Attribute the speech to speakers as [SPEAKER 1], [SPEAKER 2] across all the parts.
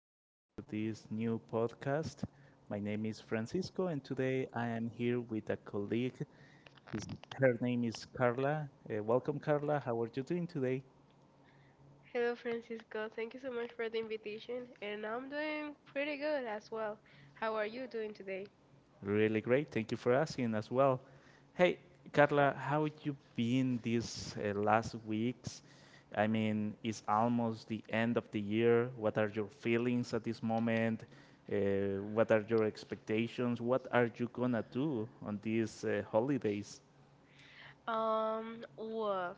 [SPEAKER 1] welcome to this new podcast. My name is Francisco, and today I am here with a colleague. Her name is Carla. Welcome, Carla. How are you doing today?
[SPEAKER 2] Hello, Francisco. Thank you so much for the invitation, and I'm doing pretty good as well. How are you doing today?
[SPEAKER 1] Really great. Thank you for asking as well. Hey, Carla, how you been these last weeks? I mean, it's almost the end of the year. What are your feelings at this moment? What are your expectations? What are you gonna do on these holidays?
[SPEAKER 2] Well,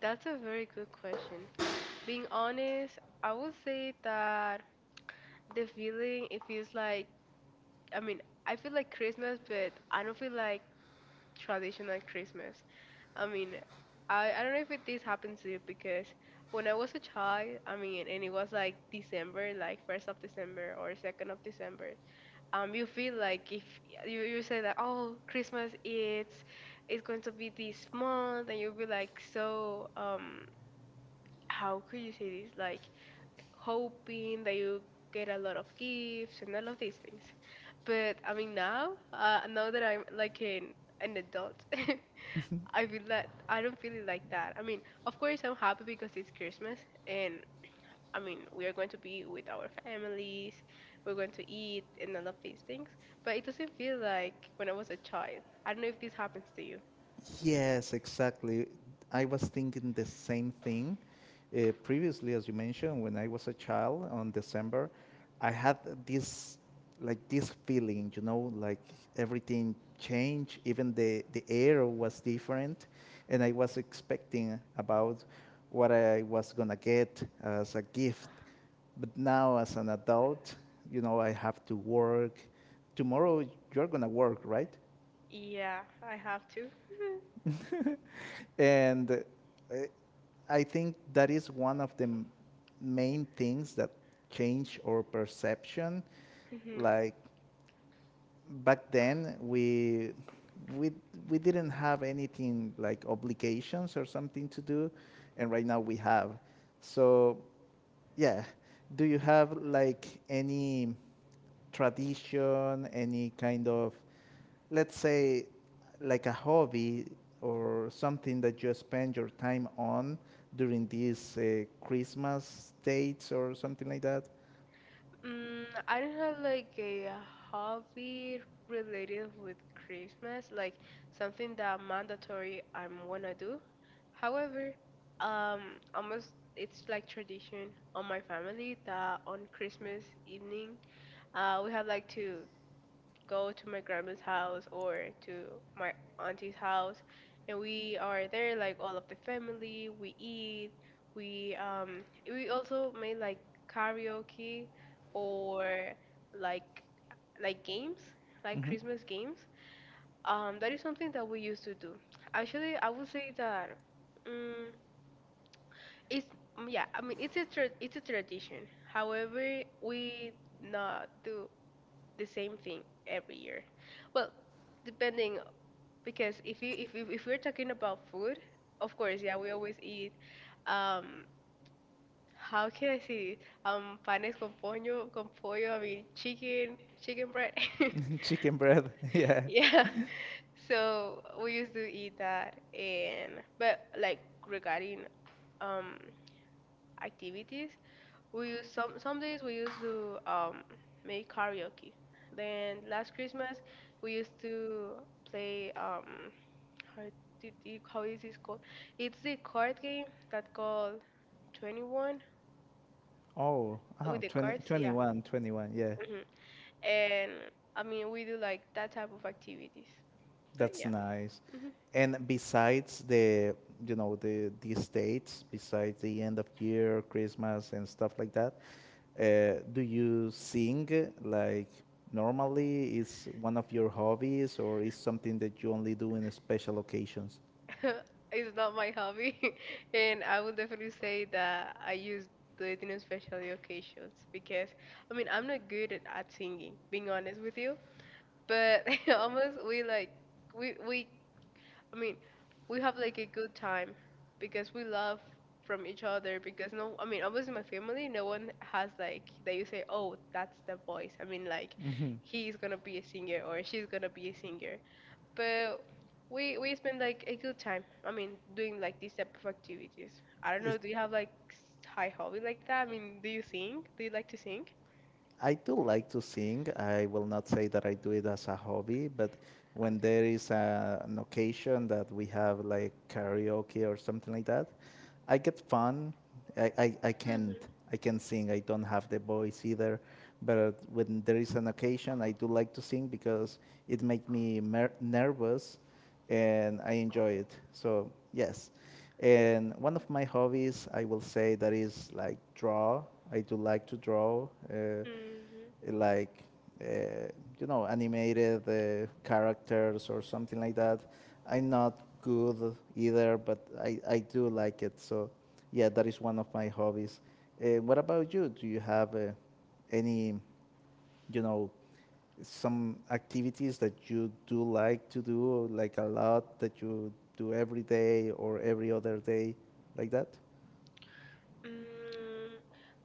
[SPEAKER 2] that's a very good question. Being honest, I would say that the feeling it feels like, I mean, I feel like Christmas, but I don't feel like traditional Christmas. I mean, I don't know if this happens to you, because when I was a child, I mean, and it was like December, like first of December or second of December. You feel like, if you say that, "Oh, Christmas, it's going to be this month," and you'll be like, so, how could you say this, like hoping that you get a lot of gifts and all of these things. But I mean, now now that I'm like an adult, I feel that I don't feel it like that. I mean, of course I'm happy because it's Christmas, and I mean, we are going to be with our families, we're going to eat and all of these things, but it doesn't feel like when I was a child. I don't know if this happens to you.
[SPEAKER 1] Yes, exactly. I was thinking the same thing. Previously, as you mentioned, when I was a child on December, I had this like this feeling, like everything changed, even the air was different, and I was expecting about what I was gonna get as a gift. But now, as an adult, I have to work. Tomorrow, you're gonna work, right?
[SPEAKER 2] Yeah, I have to.
[SPEAKER 1] And I think that is one of the main things that change our perception.
[SPEAKER 2] hmm
[SPEAKER 1] Like back then, we we didn't have anything like obligations or something to do, and right now we have. So yeah, do you have like any tradition, any kind of, let's say, like a hobby or something that you spend your time on during these Christmas dates or something like that?
[SPEAKER 2] I don't have like a hobby related with Christmas, like something that mandatory I'm wanna do. However, almost it's like tradition on my family that on Christmas evening, we have like to go to my grandma's house or to my auntie's house, and we are there like all of the family. We eat, we um we also made like karaoke, or like like games, like
[SPEAKER 1] Hmm.
[SPEAKER 2] Christmas games. That is something that we used to do. Actually, I would say that mm it's yeah, I mean, it's a it's a tradition. However, we not do the same thing every year. Well, depending, because if if we're talking about food, of course, yeah, we always eat, um how can I say it? Panes con pollo, I mean, chicken, chicken bread.
[SPEAKER 1] Chicken bread. Yeah.
[SPEAKER 2] Yeah. So we used to eat that. And but like regarding um activities, We use some days we used to make karaoke. Then last Christmas we used to play, how how is this called? It's the card game that called 21
[SPEAKER 1] Oh,
[SPEAKER 2] with the
[SPEAKER 1] 20,
[SPEAKER 2] cards, yeah.
[SPEAKER 1] 21, 21. Yeah.
[SPEAKER 2] Mhm. And I mean, we do like that type of activities. But
[SPEAKER 1] That's
[SPEAKER 2] yeah.
[SPEAKER 1] nice.
[SPEAKER 2] Mm-hmm.
[SPEAKER 1] And besides the these dates, besides the end of year, Christmas and stuff like that, do you sing like normally? Is one of your hobbies, or is something that you only do in special occasions?
[SPEAKER 2] It's not my hobby, and I would definitely say that I use it in special occasions, because I mean, I'm not good at singing, being honest with you. But almost we like, we I mean, we have like a good time, because we love from each other, because no, I mean, almost in my family no one has like that, you say, "Oh, that's the voice, I mean, like
[SPEAKER 1] Hmm.
[SPEAKER 2] he's gonna be a singer or she's gonna be a singer," but we spend like a good time. I mean, doing like these type of activities. I don't know.
[SPEAKER 1] Is,
[SPEAKER 2] Do you have like high hobby like that? I mean, do you sing? Do you like to sing?
[SPEAKER 1] I do like to sing. I will not say that I do it as a hobby, but when
[SPEAKER 2] Okay.
[SPEAKER 1] there is an occasion that we have like karaoke or something like that, I get fun. I can't,
[SPEAKER 2] Mm-hmm.
[SPEAKER 1] I can sing. I don't have the voice either. But when there is an occasion, I do like to sing because it makes me nervous, and I enjoy it. So yes, and one of my hobbies I will say that is like draw. I do like to draw.
[SPEAKER 2] Mm-hmm.
[SPEAKER 1] Like uh, animated characters or something like that. I'm not good either, but I do like it. So yeah, that is one of my hobbies. What about you? Do you have any you know some activities that you do like to do like a lot that you do every day or every other day like that?
[SPEAKER 2] Mm,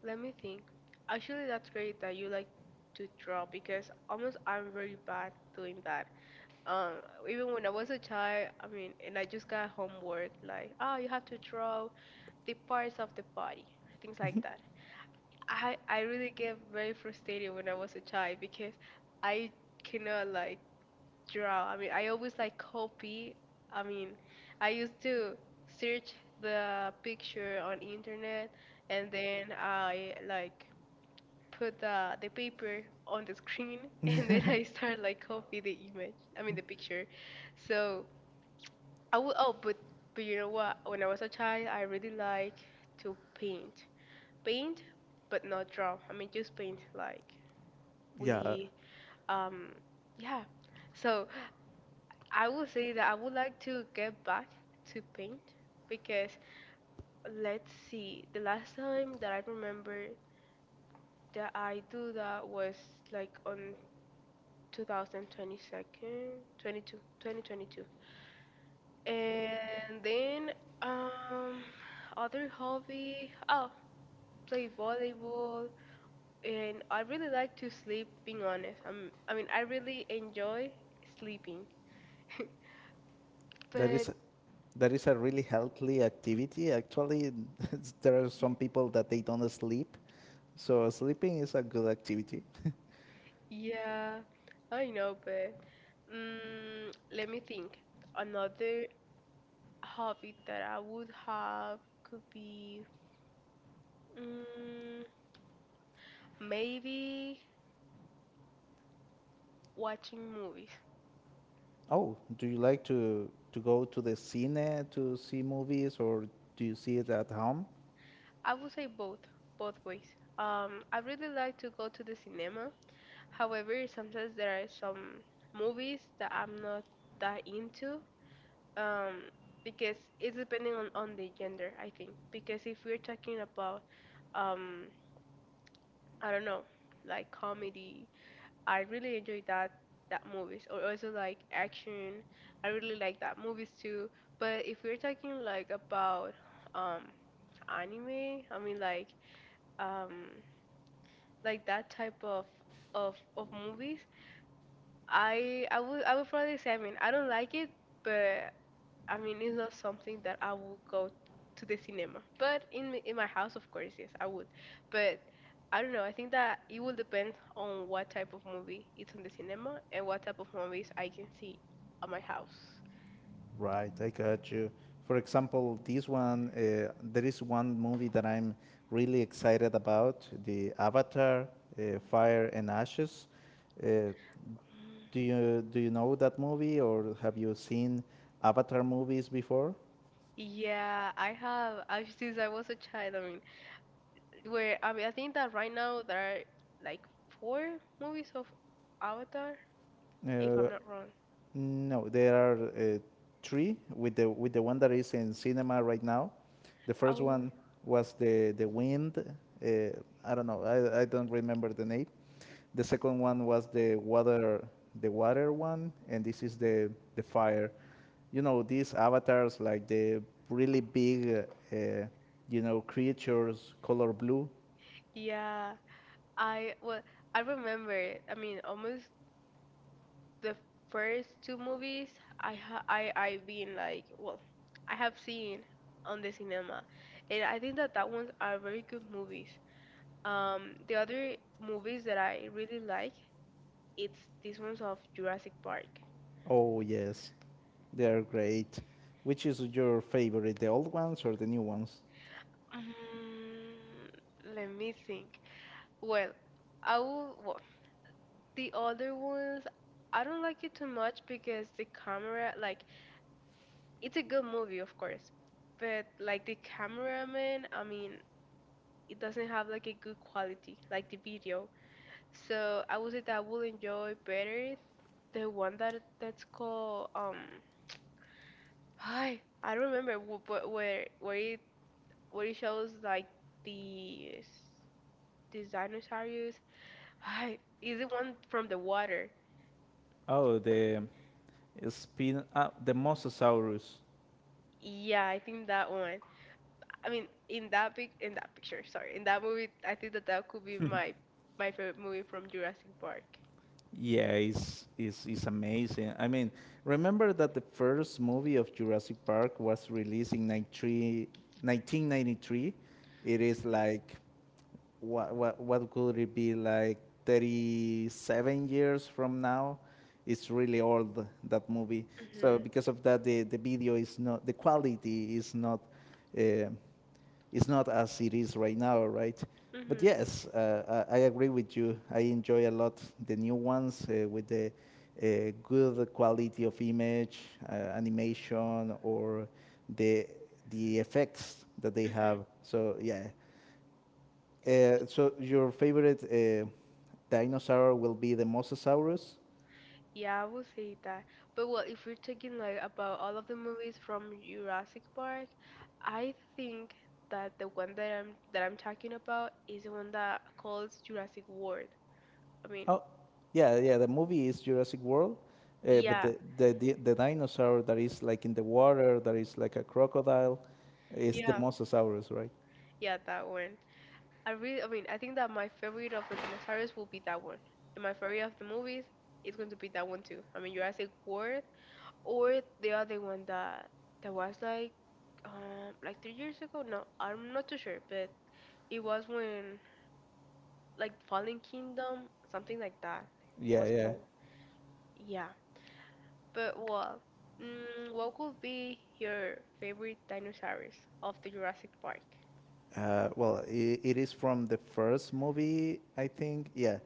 [SPEAKER 2] Let me think. Actually, that's great that you like to draw, because almost I'm very bad doing that. Um, Even when I was a child, I mean, and I just got homework like, "Oh, you have to draw the parts of the body," things like that. I really get very frustrated when I was a child because I cannot like draw. I mean, I always like copy. I mean, I used to search the picture on internet, and then I like put the paper on the screen and then I start like copy the image. I mean, the picture. So I would but you know what? When I was a child, I really like to paint. Paint, but not draw. I mean, just paint, like,
[SPEAKER 1] Yeah,
[SPEAKER 2] we um yeah, so I would say that I would like to get back to paint, because let's see, the last time that I remember that I do that was like on two thousand twenty second 22 2022. And then um other hobby, oh, play volleyball. And I really like to sleep, being honest, I mean, I really enjoy sleeping,
[SPEAKER 1] That
[SPEAKER 2] but
[SPEAKER 1] is, that is a really healthy activity. Actually, there are some people that they don't sleep, so sleeping is a good activity.
[SPEAKER 2] yeah, I know. But let me think. Another hobby that I would have could be, mm, maybe watching movies.
[SPEAKER 1] Oh, do you like to go to the cine to see movies, or do you see it at home?
[SPEAKER 2] I would say both, ways. I really like to go to the cinema. However, sometimes there are some movies that I'm not that into. Um, because it's depending on the gender, I think. Because if we're talking about, um I don't know, like comedy, I really enjoy that movies, or also like action. I really like that movies too. But if we're talking like about, um anime, I mean, like, um like that type of movies, I would probably say, I mean, I don't like it, but I mean, it's not something that I will go to the cinema, but in in my house, of course, yes, I would. But I don't know. I think that it will depend on what type of movie it's on the cinema, and what type of movies I can see at my house.
[SPEAKER 1] Right, I got you. For example, this one, there is one movie that I'm really excited about, the Avatar, Fire and Ashes. Uh,
[SPEAKER 2] Mm,
[SPEAKER 1] do you know that movie, or have you seen Avatar movies before?
[SPEAKER 2] yeah, I have. I've, since I was a child. I mean, where I mean, I think that right now there are like four movies of Avatar, if
[SPEAKER 1] Uh,
[SPEAKER 2] I'm not wrong.
[SPEAKER 1] No, there are three with the one that is in cinema right now. The first
[SPEAKER 2] Oh,
[SPEAKER 1] one was the wind. Uh, I don't know. I don't remember the name. The second one was the water one, and this is the fire. You know these avatars like the really big uh, uh, creatures color blue.
[SPEAKER 2] yeah. I Well, I remember. I mean, almost the first two movies I ha- I been like well I have seen on the cinema, and I think that ones are very good movies. The other movies that I really like, it's these ones of Jurassic Park.
[SPEAKER 1] Oh yes, they're great. Which is your favorite, the old ones or the new ones?
[SPEAKER 2] Let me think. Well, I will. Well, the other ones I don't like it too much, because the camera, like, it's a good movie, of course, but like the cameraman, I mean, it doesn't have like a good quality, like the video. So I would say that I will enjoy better the one that's called, I don't remember where it shows, like, the these dinosaurs. I Is it one from the water?
[SPEAKER 1] Oh, the Mosasaurus.
[SPEAKER 2] Yeah, I think that one. I mean, in that pic in that picture, sorry, in that movie, I think that that could be my favorite movie from Jurassic Park.
[SPEAKER 1] Yeah, it's amazing. I mean, remember that the first movie of Jurassic Park was released in 93 1993? It is like, what could it be, like 37 years from now? It's really old, that movie. So
[SPEAKER 2] Mhm.
[SPEAKER 1] because of that, the video is not, the quality is not uh, it's not as it is right now, right? But
[SPEAKER 2] Mhm.
[SPEAKER 1] yes, I agree with you. I enjoy a lot the new ones with the good quality of image, animation, or the the effects that they
[SPEAKER 2] Mhm.
[SPEAKER 1] have. So yeah. So your favorite dinosaur will be the Mosasaurus.
[SPEAKER 2] Yeah, I would say that. But well, if we're talking like about all of the movies from Jurassic Park, I think that the one that I'm talking about is the one that calls Jurassic World. I mean,
[SPEAKER 1] Oh, yeah, yeah. The movie is Jurassic World, but
[SPEAKER 2] yeah,
[SPEAKER 1] the dinosaur that is like in the water, that is like a crocodile, is the
[SPEAKER 2] yeah,
[SPEAKER 1] Mosasaurus, right?
[SPEAKER 2] yeah, that one. I really, I mean, I think that my favorite of the dinosaurs will be that one, and my favorite of the movies is going to be that one too. I mean, Jurassic World, or the other one that was like 3 years ago. No, I'm not too sure, but it was when, like, Fallen Kingdom, something like that,
[SPEAKER 1] Yeah,
[SPEAKER 2] was
[SPEAKER 1] yeah.
[SPEAKER 2] called. Yeah. But well, what would be your favorite dinosaurs of the Jurassic Park?
[SPEAKER 1] Well, I it is from the first movie, I think. Yeah,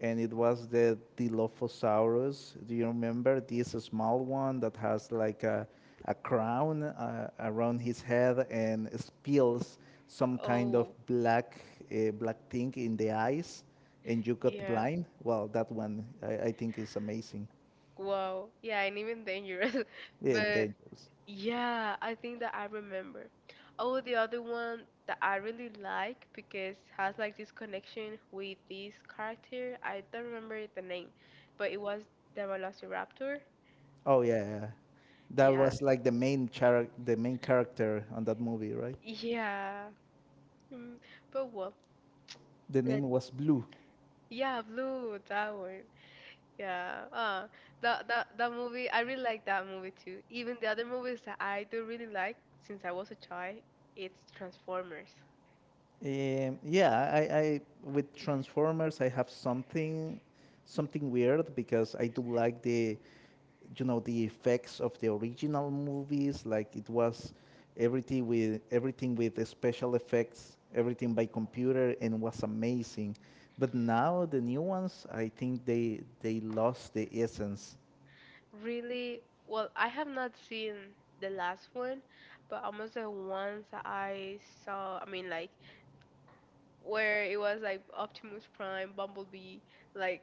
[SPEAKER 1] and it was the Dilophosaurus. Do you remember this small one that has like a crown around his head and spills some kind of
[SPEAKER 2] Oh,
[SPEAKER 1] black thing in the eyes, and you got
[SPEAKER 2] yeah.
[SPEAKER 1] blind? Well, that one I think is amazing.
[SPEAKER 2] Wow. Yeah, and even dangerous.
[SPEAKER 1] Yeah, and
[SPEAKER 2] But
[SPEAKER 1] dangerous.
[SPEAKER 2] yeah, I think that I remember. Oh, the other one that I really like, because has like this connection with this character. I don't remember the name, but it was the Velociraptor.
[SPEAKER 1] Oh yeah, yeah. That
[SPEAKER 2] Yeah.
[SPEAKER 1] was like the main character on that movie, right?
[SPEAKER 2] Yeah. Mm, But well,
[SPEAKER 1] The name
[SPEAKER 2] let
[SPEAKER 1] was Blue.
[SPEAKER 2] yeah, blue, that one. Yeah, that movie, I really like that movie too. Even the other movies that I do really like since I was a child, it's Transformers.
[SPEAKER 1] Yeah, I with Transformers I have something weird, because I do like the you know the effects of the original movies. Like it was everything with the special effects, everything by computer, and was amazing. But now the new ones, I think they lost the essence.
[SPEAKER 2] Really, well, I have not seen the last one, but almost the ones that I saw, I mean, like where it was like Optimus Prime, Bumblebee, like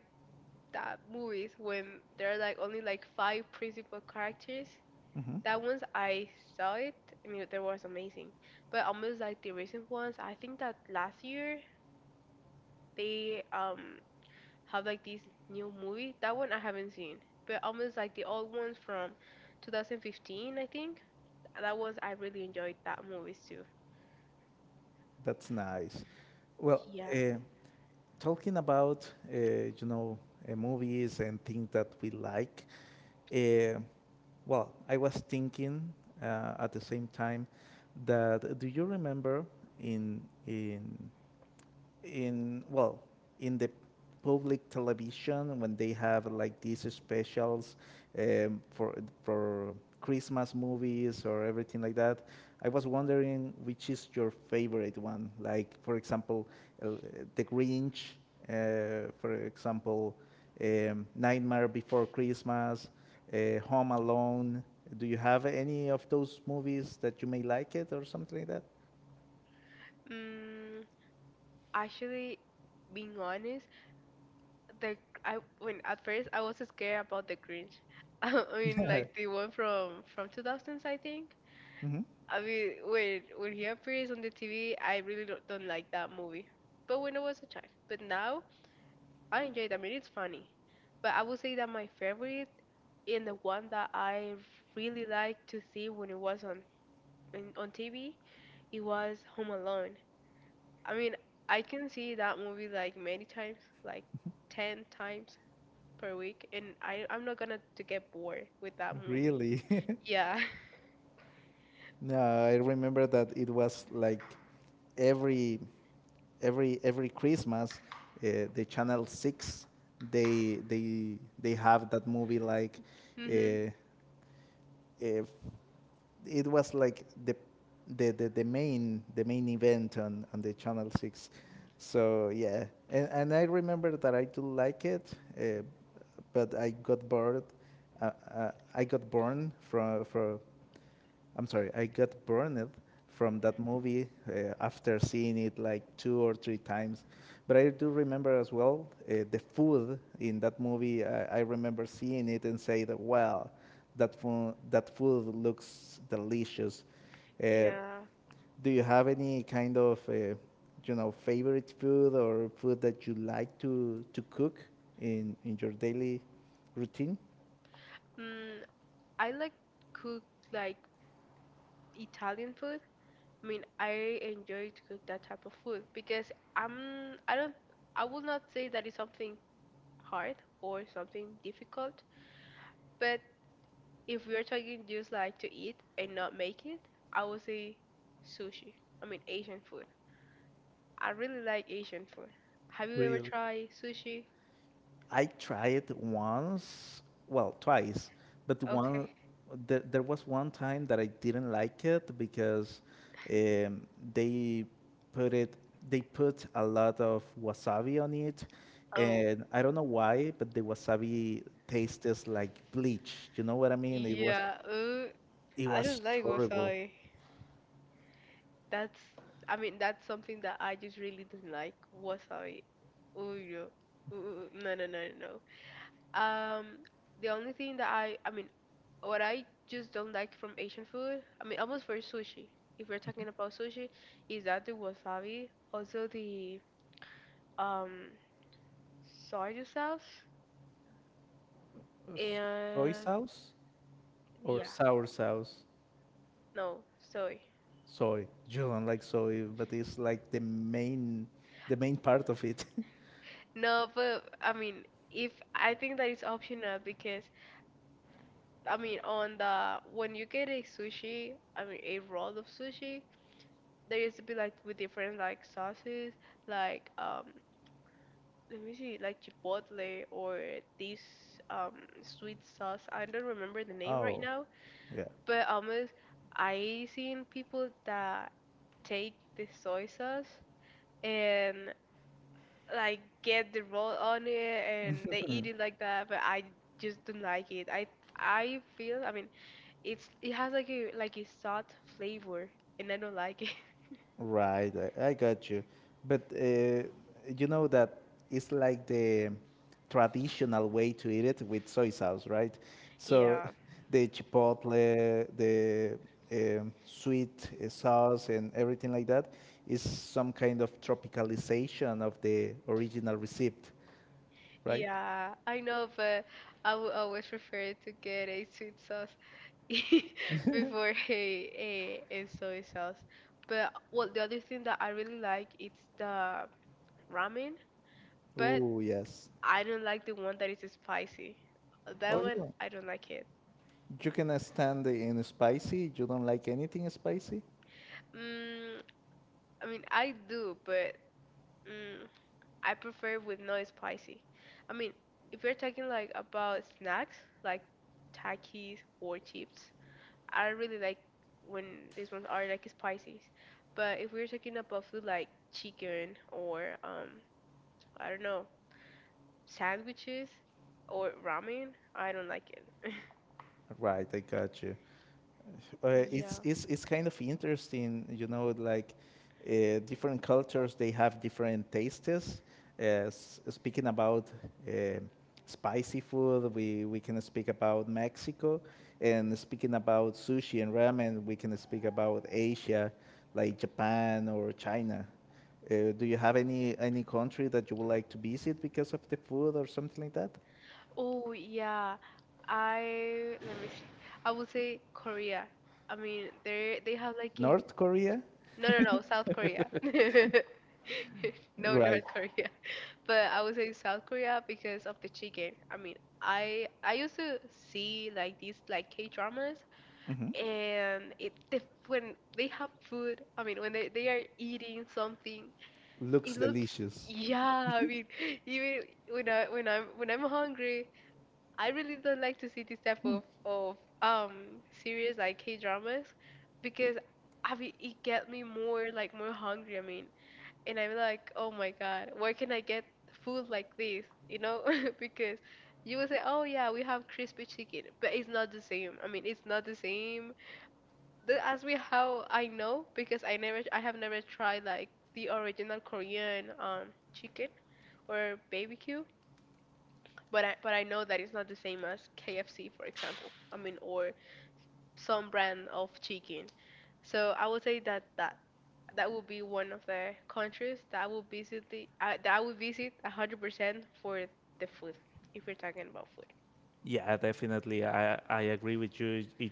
[SPEAKER 2] that movies when there are like only like five principal characters,
[SPEAKER 1] Mhm.
[SPEAKER 2] that ones I saw it. I mean, they was amazing. But almost like the recent ones, I think that last year they have like this new movie. That one I haven't seen. But almost like the old ones from 2015, I think. That ones I really enjoyed that movies too.
[SPEAKER 1] That's nice. Well,
[SPEAKER 2] Yeah.
[SPEAKER 1] uh, talking about movies and things that we like. Uh, well, I was thinking at the same time that, do you remember in in in well in the public television when they have like these specials um, for for Christmas movies or everything like that? I was wondering which is your favorite one. Like for example, uh, The Grinch. For example, Nightmare Before Christmas, Home Alone. Do you have any of those movies that you may like it or something like that?
[SPEAKER 2] Mm, Actually, being honest, the I when at first I was scared about the Grinch. I mean, like the one from 2000s, I think.
[SPEAKER 1] Hmm.
[SPEAKER 2] I mean, when he appears on the TV, I really don't like that movie. But when I was a child, but now I enjoy it. I mean, it's funny. But I would say that my favorite, and the one that I really liked to see when it was on, on TV, it was Home Alone. I mean, I can see that movie like many times, like 10 times per week, and I'm not gonna to get bored with that movie.
[SPEAKER 1] Really?
[SPEAKER 2] Yeah.
[SPEAKER 1] No, I remember that it was like every every Christmas, the Channel 6 they have that movie, like
[SPEAKER 2] Hmm,
[SPEAKER 1] uh, if it was like the main event on the Channel 6. So yeah, and I remember that I do like it, uh, but I got bored. Uh, uh, I got born from from I'm sorry, I got burned from that movie after seeing it like two or three times. But I do remember as well the food in that movie. I remember seeing it and say that wow, that food looks delicious. Uh,
[SPEAKER 2] yeah.
[SPEAKER 1] do you have any kind of favorite food or food that you like to cook in your daily routine?
[SPEAKER 2] Mm, I like cook like Italian food. I mean, I enjoy to cook that type of food because I'm I don't I will not say that it's something hard or something difficult, but if we're talking just like to eat and not make it, I would say sushi. I mean, Asian food. I really like Asian food. Have you ever
[SPEAKER 1] Really?
[SPEAKER 2] tried sushi?
[SPEAKER 1] I tried once, well, twice, but
[SPEAKER 2] Okay.
[SPEAKER 1] there was one time that I didn't like it, because um, they put it they put a lot of wasabi on it,
[SPEAKER 2] Oh,
[SPEAKER 1] and I don't know why, but the wasabi tastes like bleach. You know what I mean? It was
[SPEAKER 2] yeah.
[SPEAKER 1] it
[SPEAKER 2] I
[SPEAKER 1] was
[SPEAKER 2] don't like
[SPEAKER 1] horrible.
[SPEAKER 2] wasabi. That's, I mean, that's something that I just really don't like. Wasabi. Oh, no. Ooh, no, no, no, no, no. Um, the only thing that I mean, what I just don't like from Asian food, I mean, almost for sushi, if we're talking about sushi, is that the wasabi, also the um soy sauce,
[SPEAKER 1] Uh, Soy
[SPEAKER 2] and
[SPEAKER 1] sauce or
[SPEAKER 2] yeah,
[SPEAKER 1] sour sauce?
[SPEAKER 2] no, soy.
[SPEAKER 1] Soy. You don't like soy, but it's like the main part of it.
[SPEAKER 2] No, but I mean, if I think that it's optional because I mean, on the when you get a sushi, I mean a roll of sushi, there used to be like with different like sauces, like let me see, like chipotle or this um sweet sauce. I don't remember the name right
[SPEAKER 1] Oh,
[SPEAKER 2] now,
[SPEAKER 1] yeah,
[SPEAKER 2] but almost I seen people that take the soy sauce and like get the roll on it and they eat it like that, but I just don't like it. I feel, I mean. It has like a salt flavor, and I don't like it.
[SPEAKER 1] right. I got you. But you know that it's like the traditional way to eat it, with soy sauce, right? So
[SPEAKER 2] Yeah,
[SPEAKER 1] the chipotle, the sweet sauce, and everything like that is some kind of tropicalization of the original recipe, right?
[SPEAKER 2] yeah, I know, but I would always prefer to get a sweet sauce before a soy sauce. But well, the other thing that I really like it's the ramen, but
[SPEAKER 1] Oh, yes.
[SPEAKER 2] I don't like the one that is spicy. That
[SPEAKER 1] Oh, you
[SPEAKER 2] one
[SPEAKER 1] don't.
[SPEAKER 2] I don't like it.
[SPEAKER 1] You can stand in spicy. You don't like anything spicy?
[SPEAKER 2] Mm, I mean I do, but. mm, I prefer with no spicy. I mean, if we're talking like about snacks, like takis or chips, I really like when these ones are like spicy. But if we're talking about food like chicken or I don't know, sandwiches or ramen, I don't like it.
[SPEAKER 1] Right, I got you. uh, it's,
[SPEAKER 2] Yeah.
[SPEAKER 1] it's, it's kind of interesting, like different cultures, they have different tastes. Uh, speaking about uh, spicy food, we can speak about Mexico. And speaking about sushi and ramen, we can speak about Asia, like Japan or China. Do you have any country that you would like to visit because of the food or something like that?
[SPEAKER 2] Oh, yeah. I Let me see. I would say Korea. I mean, they have like a,
[SPEAKER 1] North Korea?
[SPEAKER 2] no, no, no, South Korea. No,
[SPEAKER 1] Right.
[SPEAKER 2] North Korea. But I would say South Korea because of the chicken. I mean, I used to see like these like K dramas
[SPEAKER 1] hmm
[SPEAKER 2] and when they have food, I mean when they are eating something, it
[SPEAKER 1] Looks
[SPEAKER 2] looks,
[SPEAKER 1] delicious.
[SPEAKER 2] yeah, I mean, even when I'm hungry, I really don't like to see this type of um series like K dramas because I mean it get me more like more hungry. I mean, and I'm like, oh my god, where can I get food like this? You know, because you will say, oh, yeah, we have crispy chicken, but it's not the same. I mean, it's not the same. The, as we How I know because I have never tried like the original Korean chicken or barbecue, but I know that it's not the same as KFC, for example. I mean, or some brand of chicken. So I would say that that would be one of the countries that I would visit that I would visit 100% for the food if we're talking about food.
[SPEAKER 1] Yeah, definitely. I agree with you. It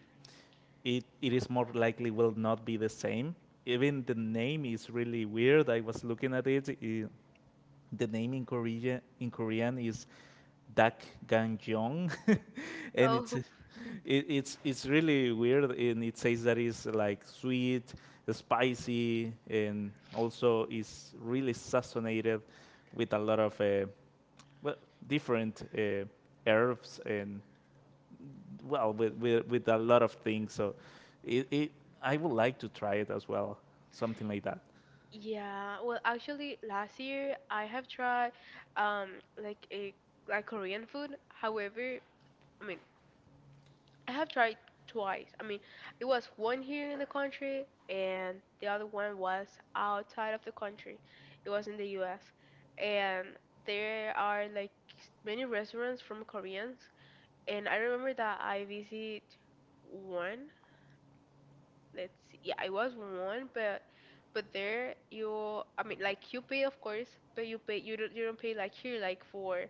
[SPEAKER 1] it it is more likely will not be the same. Even the name is really weird. I was looking at it. The name in Korean is Dak Gangjong. And it's
[SPEAKER 2] Oh,
[SPEAKER 1] it, it's it's really weird. And it says that it's like sweet, spicy, and also is really seasoned with a lot of well, different herbs, and well, with a lot of things. So it I would like to try it as well, something like that.
[SPEAKER 2] yeah. Well, actually, last year I have tried um like a like Korean food. However, I mean I have tried twice. I mean, it was one here in the country and the other one was outside of the country. It was in the US. And there are like many restaurants from Koreans. And I remember that I visit one. Let's see. Yeah, it was one, but there you I mean, like, you pay of course, but you don't pay like here, like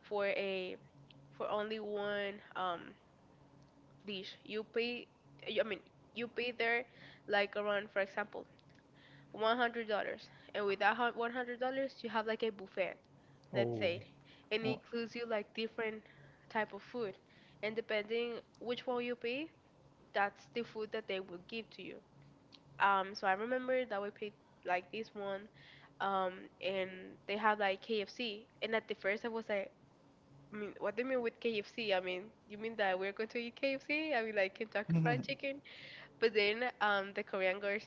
[SPEAKER 2] for a for only one dish. You pay, I mean, you pay there like around, for example, $100, and with that $100, you have like a buffet, let's
[SPEAKER 1] Oh,
[SPEAKER 2] say, and it
[SPEAKER 1] oh,
[SPEAKER 2] includes you like different type of food, and depending which one you pay, that's the food that they will give to you. So I remember that we paid like this one, um, and they have like KFC, and at the first I was like. I mean, what do you mean with KFC? I mean, you mean that we're going to eat KFC? I mean, like Kentucky Fried Chicken? But then the Korean girl,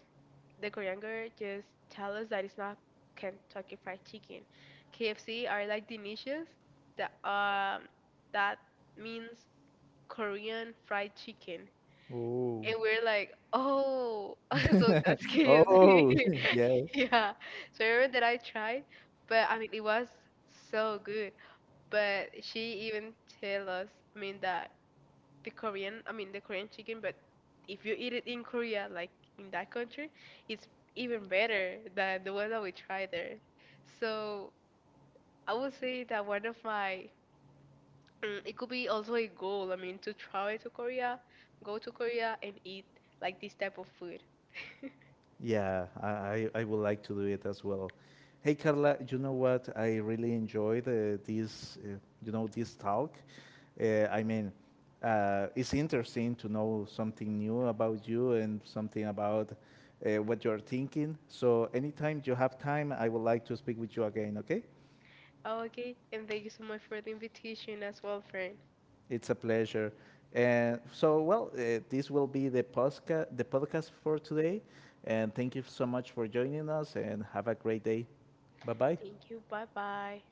[SPEAKER 2] the Korean girl just tell us that it's not Kentucky Fried Chicken. KFC are like the delicious. That um, that means Korean Fried Chicken, and we're like, oh, so that's
[SPEAKER 1] oh,
[SPEAKER 2] KFC.
[SPEAKER 1] oh, yes.
[SPEAKER 2] Yeah. So I remember that I tried, but I mean it was so good. But she even tell us, I mean that the Korean, I mean the Korean chicken, but if you eat it in Korea, like in that country, it's even better than the one that we try there. So I would say that one of my it could be also a goal. I mean, to travel to Korea, go to Korea and eat like this type of food.
[SPEAKER 1] Yeah, I would like to do it as well. Hey, Carla, you know what? I really enjoyed this talk. I mean, it's interesting to know something new about you and something about what you're thinking. So anytime you have time, I would like to speak with you again, okay?
[SPEAKER 2] Okay, and thank you so much for the invitation as well, friend.
[SPEAKER 1] It's a pleasure. And so, well, this will be the podcast for today. And thank you so much for joining us and have a great day. Bye-bye.
[SPEAKER 2] Thank you. Bye bye.